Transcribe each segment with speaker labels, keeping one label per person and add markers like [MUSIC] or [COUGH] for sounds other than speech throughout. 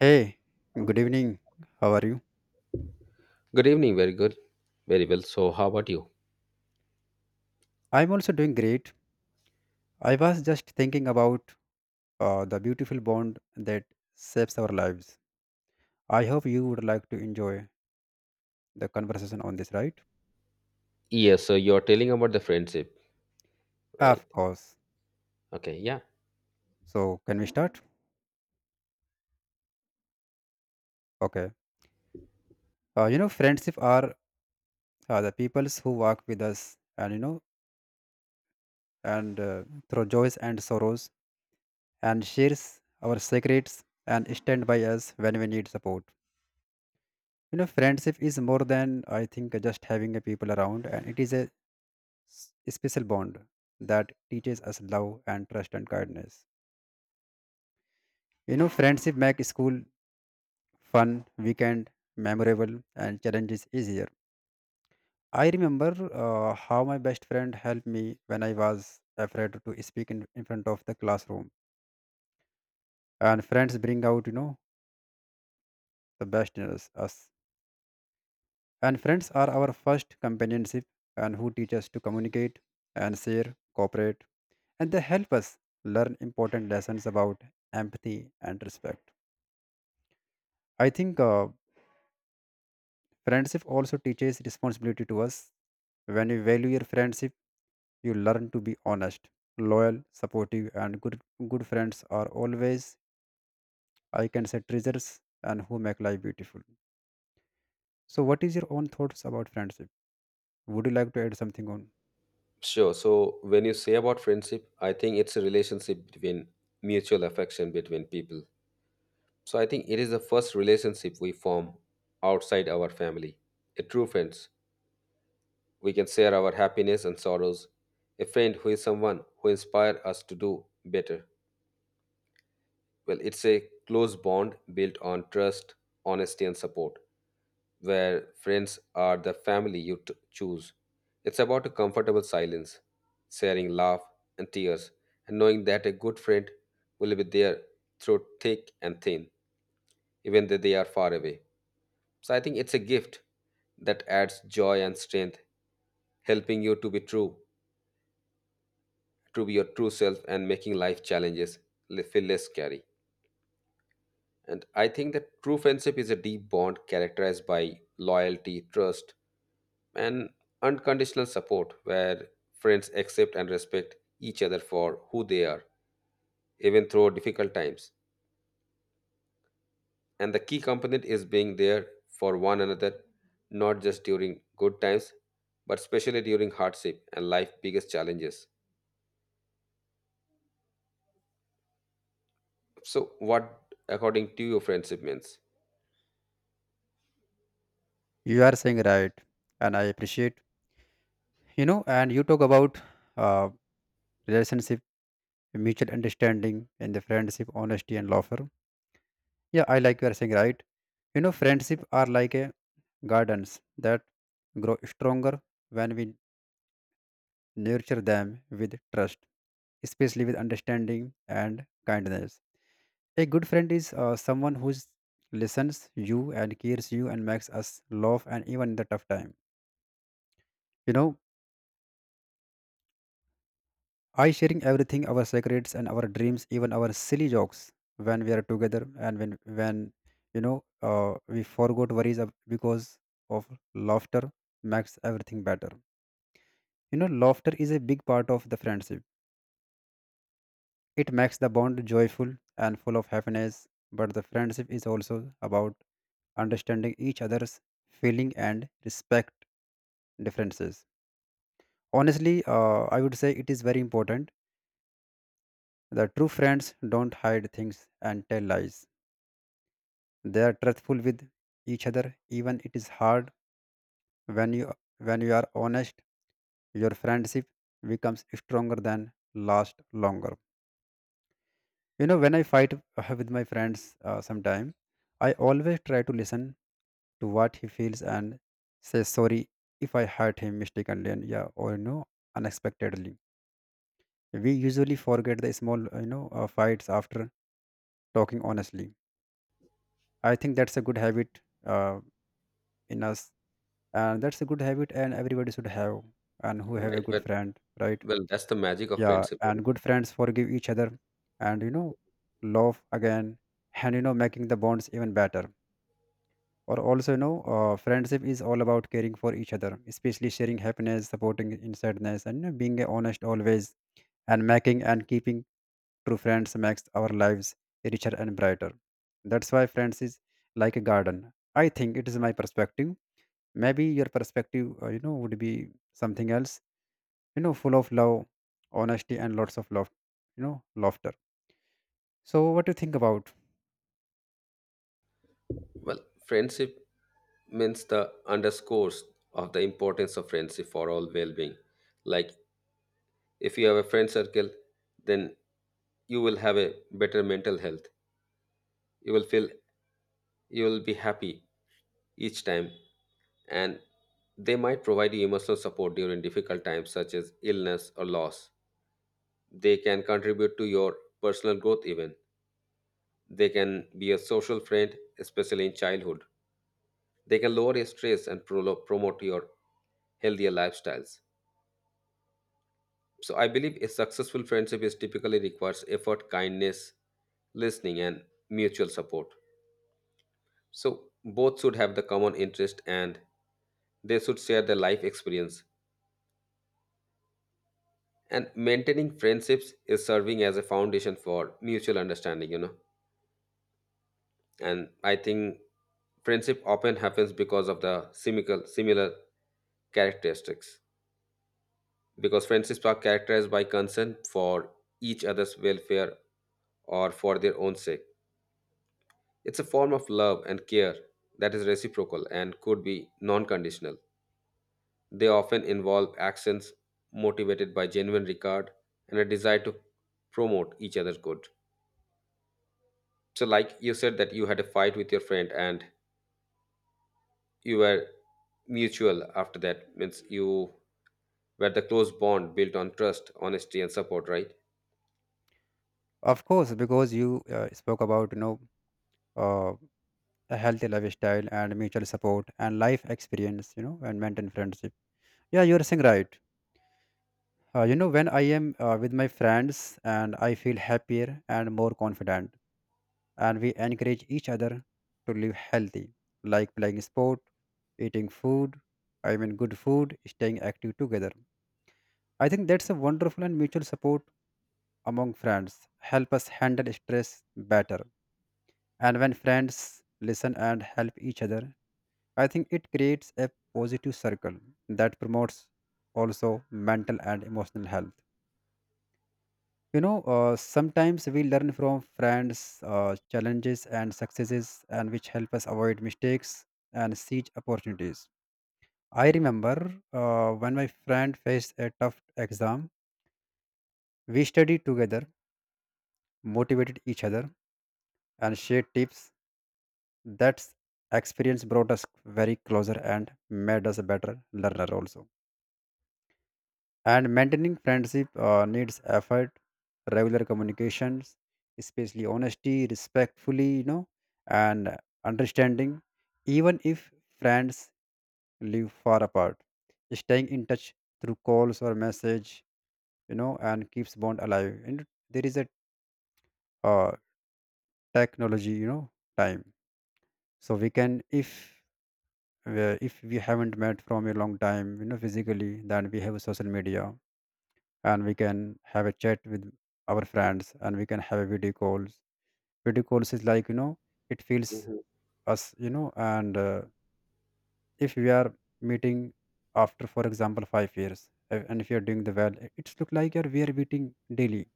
Speaker 1: Hey, good evening. How are you?
Speaker 2: Good evening. Very good. Very well. So, how about you?
Speaker 1: I'm also doing great. I was just thinking about the beautiful bond that shapes our lives. I hope you would like to enjoy the conversation on this, right?
Speaker 2: Yes. So, you're telling about the friendship, right?
Speaker 1: Of course.
Speaker 2: Okay. Yeah.
Speaker 1: So, can we start? Okay. Friendship are the peoples who walk with us and through joys and sorrows and shares our secrets and stand by us when we need support. Friendship is more than, I think, just having a people around, and it is a special bond that teaches us love and trust and kindness. Friendship makes school fun, weekend memorable, and challenges easier. I remember how my best friend helped me when I was afraid to speak in front of the classroom. And friends bring out, the best in us. And friends are our first companionship and who teach us to communicate and share, cooperate, and they help us learn important lessons about empathy and respect. I think friendship also teaches responsibility to us. When you value your friendship, you learn to be honest, loyal, supportive, and good. Good friends are always, I can say, treasures and who make life beautiful. So, what is your own thoughts about friendship? Would you like to add something on?
Speaker 2: Sure. So, when you say about friendship, I think it's a relationship between mutual affection between people. So, I think it is the first relationship we form outside our family. A true friends. We can share our happiness and sorrows. A friend who is someone who inspires us to do better. Well, it's a close bond built on trust, honesty, and support. Where friends are the family choose. It's about a comfortable silence, sharing laugh and tears, and knowing that a good friend will be there through thick and thin, even though they are far away. So I think it's a gift that adds joy and strength, helping you to be true, to be your true self, and making life challenges feel less scary. And I think that true friendship is a deep bond characterized by loyalty, trust, and unconditional support where friends accept and respect each other for who they are, even through difficult times. And the key component is being there for one another, not just during good times, but especially during hardship and life's biggest challenges. So, what, according to you, friendship means?
Speaker 1: You are saying right, and I appreciate. And you talk about uh, relationship, mutual understanding, and the friendship, honesty, and laughter. Yeah, I like you are saying right. Friendship are like a gardens that grow stronger when we nurture them with trust, especially with understanding and kindness. A good friend is someone who listens you and cares you and makes us laugh and even in the tough time. You know, I sharing everything, our secrets and our dreams, even our silly jokes when we are together and when we forgot worries because of laughter makes everything better. Laughter is a big part of the friendship. It makes the bond joyful and full of happiness, but the friendship is also about understanding each other's feeling and respect differences. Honestly, I would say it is very important. The true friends don't hide things and tell lies. They are truthful with each other, even it is hard when you when you are honest. Your friendship becomes stronger than last longer. When I fight with my friends, sometime I always try to listen to what he feels and say sorry if I hurt him mistakenly, and yeah, or unexpectedly we usually forget the small fights after talking honestly. I think that's a good habit uh, in us, and that's a good habit and everybody should have and who have a
Speaker 2: Right.
Speaker 1: good
Speaker 2: Well,
Speaker 1: friend, right?
Speaker 2: that's the magic of
Speaker 1: Yeah,
Speaker 2: friendship.
Speaker 1: and good friends forgive each other, and love again, and making the bonds even better. Or also, friendship is all about caring for each other, especially sharing happiness, supporting in sadness, and being honest always, and making and keeping true friends makes our lives richer and brighter. That's why friends is like a garden. I think it is my perspective. Maybe your perspective would be something else, full of love, honesty, and lots of love, laughter. So, what do you think about?
Speaker 2: Well, friendship means the underscores of the importance of friendship for all well-being. Like if you have a friend circle, then you will have a better mental health. You will feel you will be happy each time, and they might provide you emotional support during difficult times such as illness or loss. They can contribute to your personal growth even. They can be a social friend, especially in childhood. They can lower your stress and promote your healthier lifestyles. So I believe a successful friendship is typically requires effort, kindness, listening, and mutual support. So both should have the common interest and they should share their life experience. And maintaining friendships is serving as a foundation for mutual understanding, you know. And I think friendship often happens because of the simical similar characteristics. Because friendships are characterized by concern for each other's welfare or for their own sake. It's a form of love and care that is reciprocal and could be non conditional. They often involve actions motivated by genuine regard and a desire to promote each other's good. So, like you said, that you had a fight with your friend and you were mutual after that, means you were the close bond built on trust, honesty, and support, right?
Speaker 1: Of course, because you spoke about uh. a healthy lifestyle and mutual support and life experience, and maintain friendship. Yeah, you're saying right. When I am with my friends, and I feel happier and more confident, and we encourage each other to live healthy, like playing sport, eating food, I mean good food, staying active together. I think that's a wonderful and mutual support among friends. Help us handle stress better, and when friends listen and help each other, I think it creates a positive circle that promotes also mental and emotional health. Sometimes we learn from friends, challenges and successes, and which help us avoid mistakes and seize opportunities. I remember when my friend faced a tough exam, we studied together, motivated each other, and shared tips. That experience brought us very closer and made us a better learner also. And maintaining friendship needs effort, regular communications, especially honesty, respectfully, and understanding, even if friends live far apart. Staying in touch through calls or message, and keeps bond alive. And there is a uh, technology, time. So we can, if we haven't met from a long time, physically, then we have social media, and we can have a chat with our friends, and we can have a video calls. Video calls is like, you know, it feels
Speaker 2: Mhm.
Speaker 1: us, you know. And if we are meeting after, for example, 5 years, and if you're doing the well, it's look like we are meeting daily,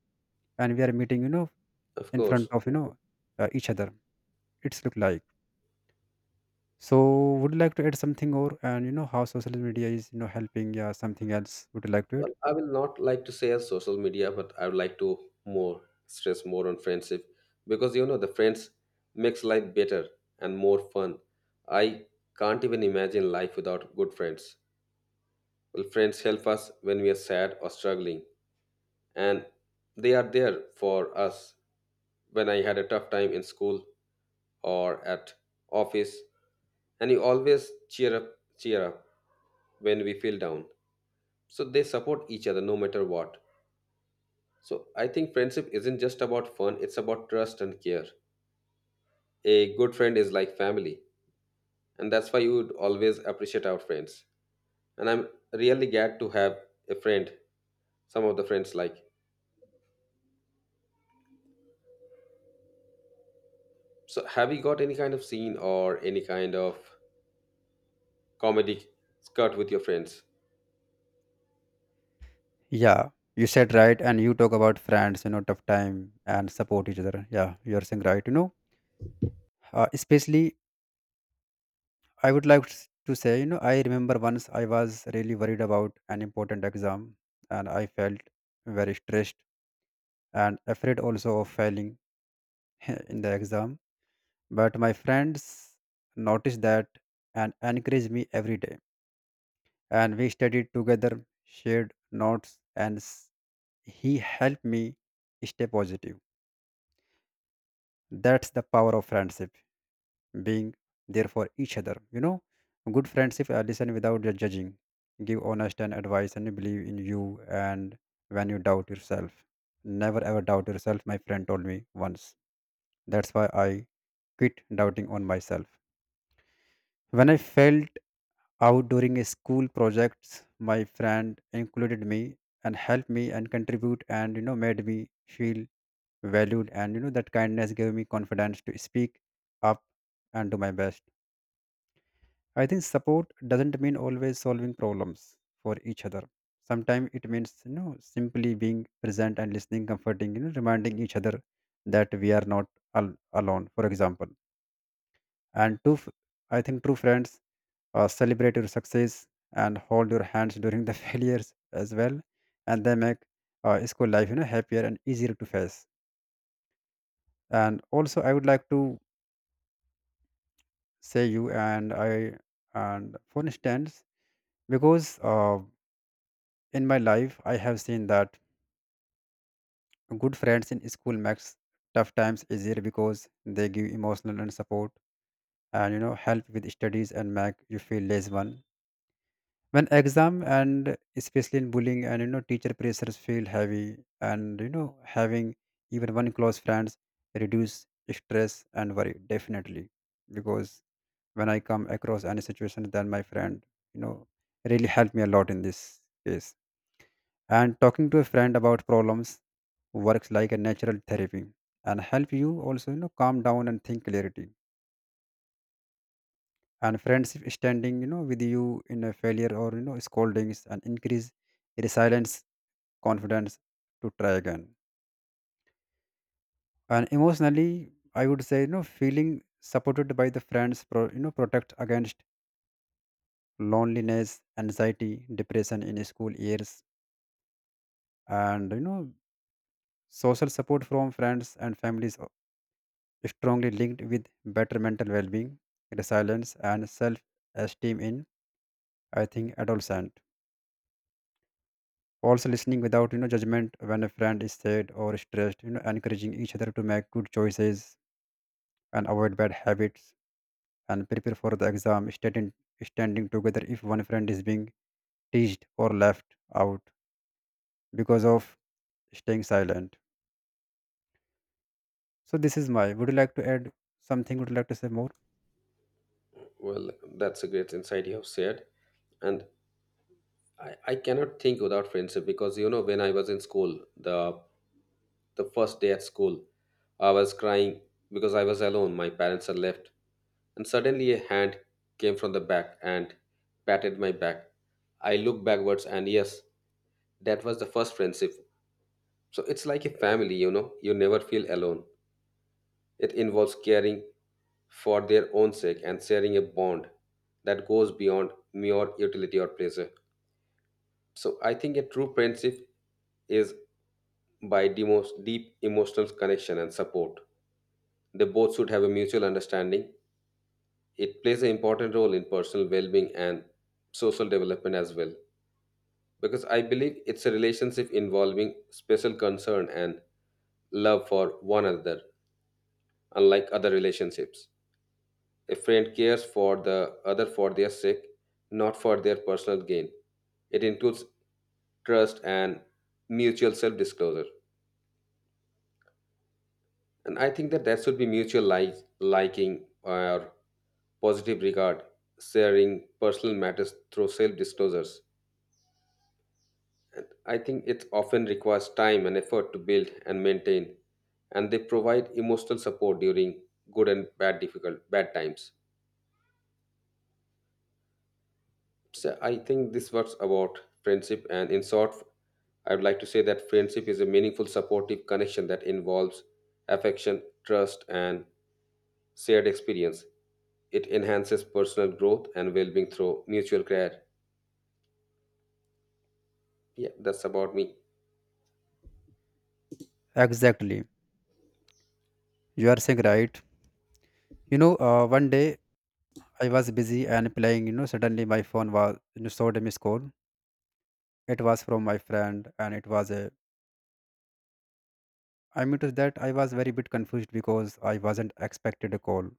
Speaker 1: and we are meeting, you know,
Speaker 2: Of
Speaker 1: in
Speaker 2: course.
Speaker 1: front of, each other. It's look like. So would you like to add something? Or and you know how social media is, you know, helping? Yeah, something else would you like to add?
Speaker 2: Well, I will not like to say as social media, but I would like to more on friendship, because you know the friends makes life better and more fun. I can't even imagine life without good friends. Well, friends help us when we are sad or struggling, and they are there for us when I had a tough time in school or at office, and you always cheer up, cheer up when we feel down. So they support each other no matter what. So I think friendship isn't just about fun, it's about trust and care. A good friend is like family, and that's why you would always appreciate our friends. And I'm really glad to have a friend, some of the friends like. So have you got any kind of scene or any kind of comedy cut with your friends?
Speaker 1: Yeah, you said right, and you talk about friends, tough time and support each other. Yeah, you're saying right. Especially I would like to say, you know, I remember once I was really worried about an important exam, and I felt very stressed and afraid also of failing [LAUGHS] in the exam. But my friends noticed that and encouraged me every day, and we studied together, shared notes, and he helped me stay positive. That's the power of friendship, being there for each other. Good friendship listen without judging, give honest and advice, and believe in you. And when you doubt yourself, never ever doubt yourself, my friend told me once. That's why I quit doubting on myself. When I felt out during a school projects, my friend included me and helped me and contribute, and made me feel valued, and that kindness gave me confidence to speak up and do my best. I think support doesn't mean always solving problems for each other. Sometimes it means simply being present and listening, comforting, reminding each other that we are not al- alone, for example. And I think true friends celebrate your success and hold your hands during the [LAUGHS] failures as well. And they make school life, happier and easier to face. And also, I would like to say, you and I, and for instance, because in my life I have seen that good friends in school makes tough times easier because they give emotional and support, and help with studies and make you feel less one when exam, and especially in bullying, and teacher pressures feel heavy, and having even one close friends reduce stress and worry definitely. Because when I come across any situation, then my friend you know really helped me a lot in this case. And talking to a friend about problems works like a natural therapy and help you also, calm down and think clarity. And friendship standing with you in a failure or scoldings, and increase resilience, confidence to try again. And emotionally, I would say, feeling supported by the friends, protect against loneliness, anxiety, depression in school years. And social support from friends and families are strongly linked with better mental well-being, resilience, and self-esteem in, I think, adolescent. Also listening without judgment when a friend is sad or stressed, encouraging each other to make good choices, and avoid bad habits, and prepare for the exam, standing together if one friend is being teased or left out because of staying silent. So this is my. Would you like to add something? Would you like to say more?
Speaker 2: Well, that's a great insight you have shared. And I cannot think without friendship, because you know when I was in school, the first day at school, I was crying because I was alone. My parents had left and suddenly a hand came from the back and patted my back. I looked backwards, and yes, that was the first friendship. So it's like a family, you know, you never feel alone. It involves caring for their own sake and sharing a bond that goes beyond mere utility or pleasure. So I think a true friendship is by the most deep emotional connection and support. They both should have a mutual understanding. It plays an important role in personal well-being and social development as well, because I believe it's a relationship involving special concern and love for one another. Unlike other relationships, a friend cares for the other for their sake, not for their personal gain. It includes trust and mutual self-disclosure, and I think that should be mutual, like liking or positive regard, sharing personal matters through self-disclosures. I think it often requires time and effort to build and maintain, and they provide emotional support during good and bad difficult bad times. So I think this was about friendship, and in short, I would like to say that friendship is a meaningful, supportive connection that involves affection, trust, and shared experience. It enhances personal growth and well-being through mutual care. Yeah, that's about me.
Speaker 1: Exactly. You are saying right. One day I was busy and playing. Suddenly my phone was, showed a missed call. It was from my friend, and it was a. I mean to that I was very bit confused because I wasn't expected a call,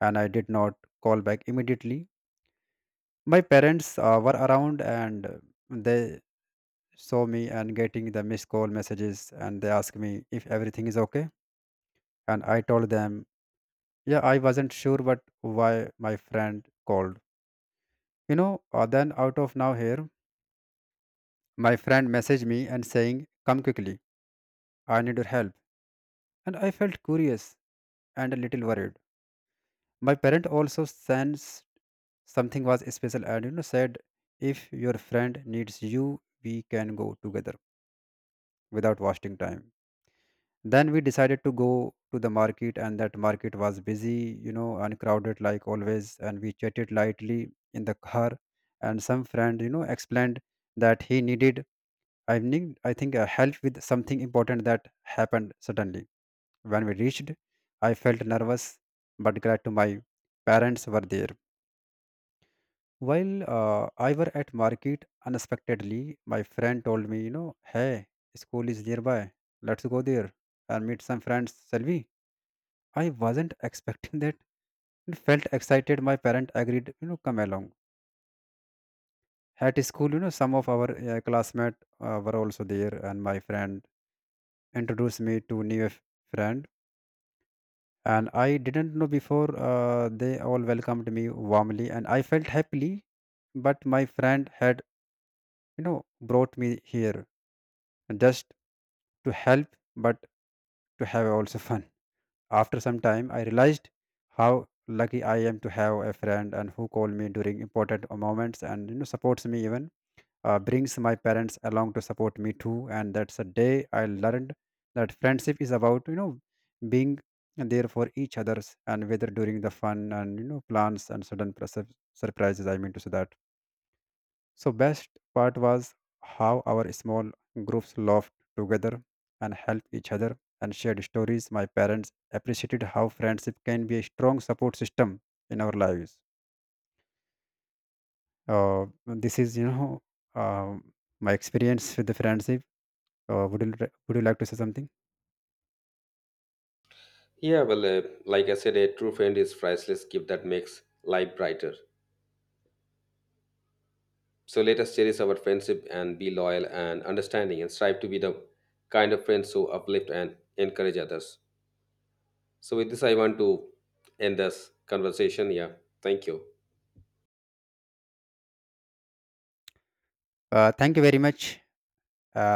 Speaker 1: and I did not call back immediately. My parents were around, and they saw me and getting the missed call messages, and they asked me if everything is okay, and I told them yeah, I wasn't sure but why my friend called. Then out of now here, my friend messaged me and saying come quickly, I need your help. And I felt curious and a little worried. My parent also sensed something was special, and said, if your friend needs you, we can go together without wasting time. Then we decided to go to the market, and that market was busy, and crowded like always, and we chatted lightly in the car. And some friend, explained that he needed, I think help with something important that happened suddenly. When we reached, I felt nervous, but glad to my parents were there. While I were at market unexpectedly, my friend told me, hey, school is nearby, let's go there and meet some friends, shall we? I wasn't expecting that and felt excited. My parent agreed, come along. At school, some of our classmates were also there, and my friend introduced me to new friend. And I didn't know before. They all welcomed me warmly, and I felt happily. But my friend had, brought me here just to help, but to have also fun. After some time, I realized how lucky I am to have a friend and who call me during important moments, and supports me, even brings my parents along to support me too. And that's a day I learned that friendship is about, being there for each others, and whether during the fun and plans, and sudden surprises. I mean to say that. So best part was how our small groups laughed together, and helped each other, and shared stories. My parents appreciated how friendship can be a strong support system in our lives. This is um my experience with the friendship. Uh, would you would you like to say something?
Speaker 2: Yeah, well, like I said, a true friend is priceless gift that makes life brighter. So let us cherish our friendship and be loyal and understanding and strive to be the kind of friends who uplift and encourage others. So with this, I want to end this conversation. Yeah. Thank you.
Speaker 1: Thank you very much. Uh,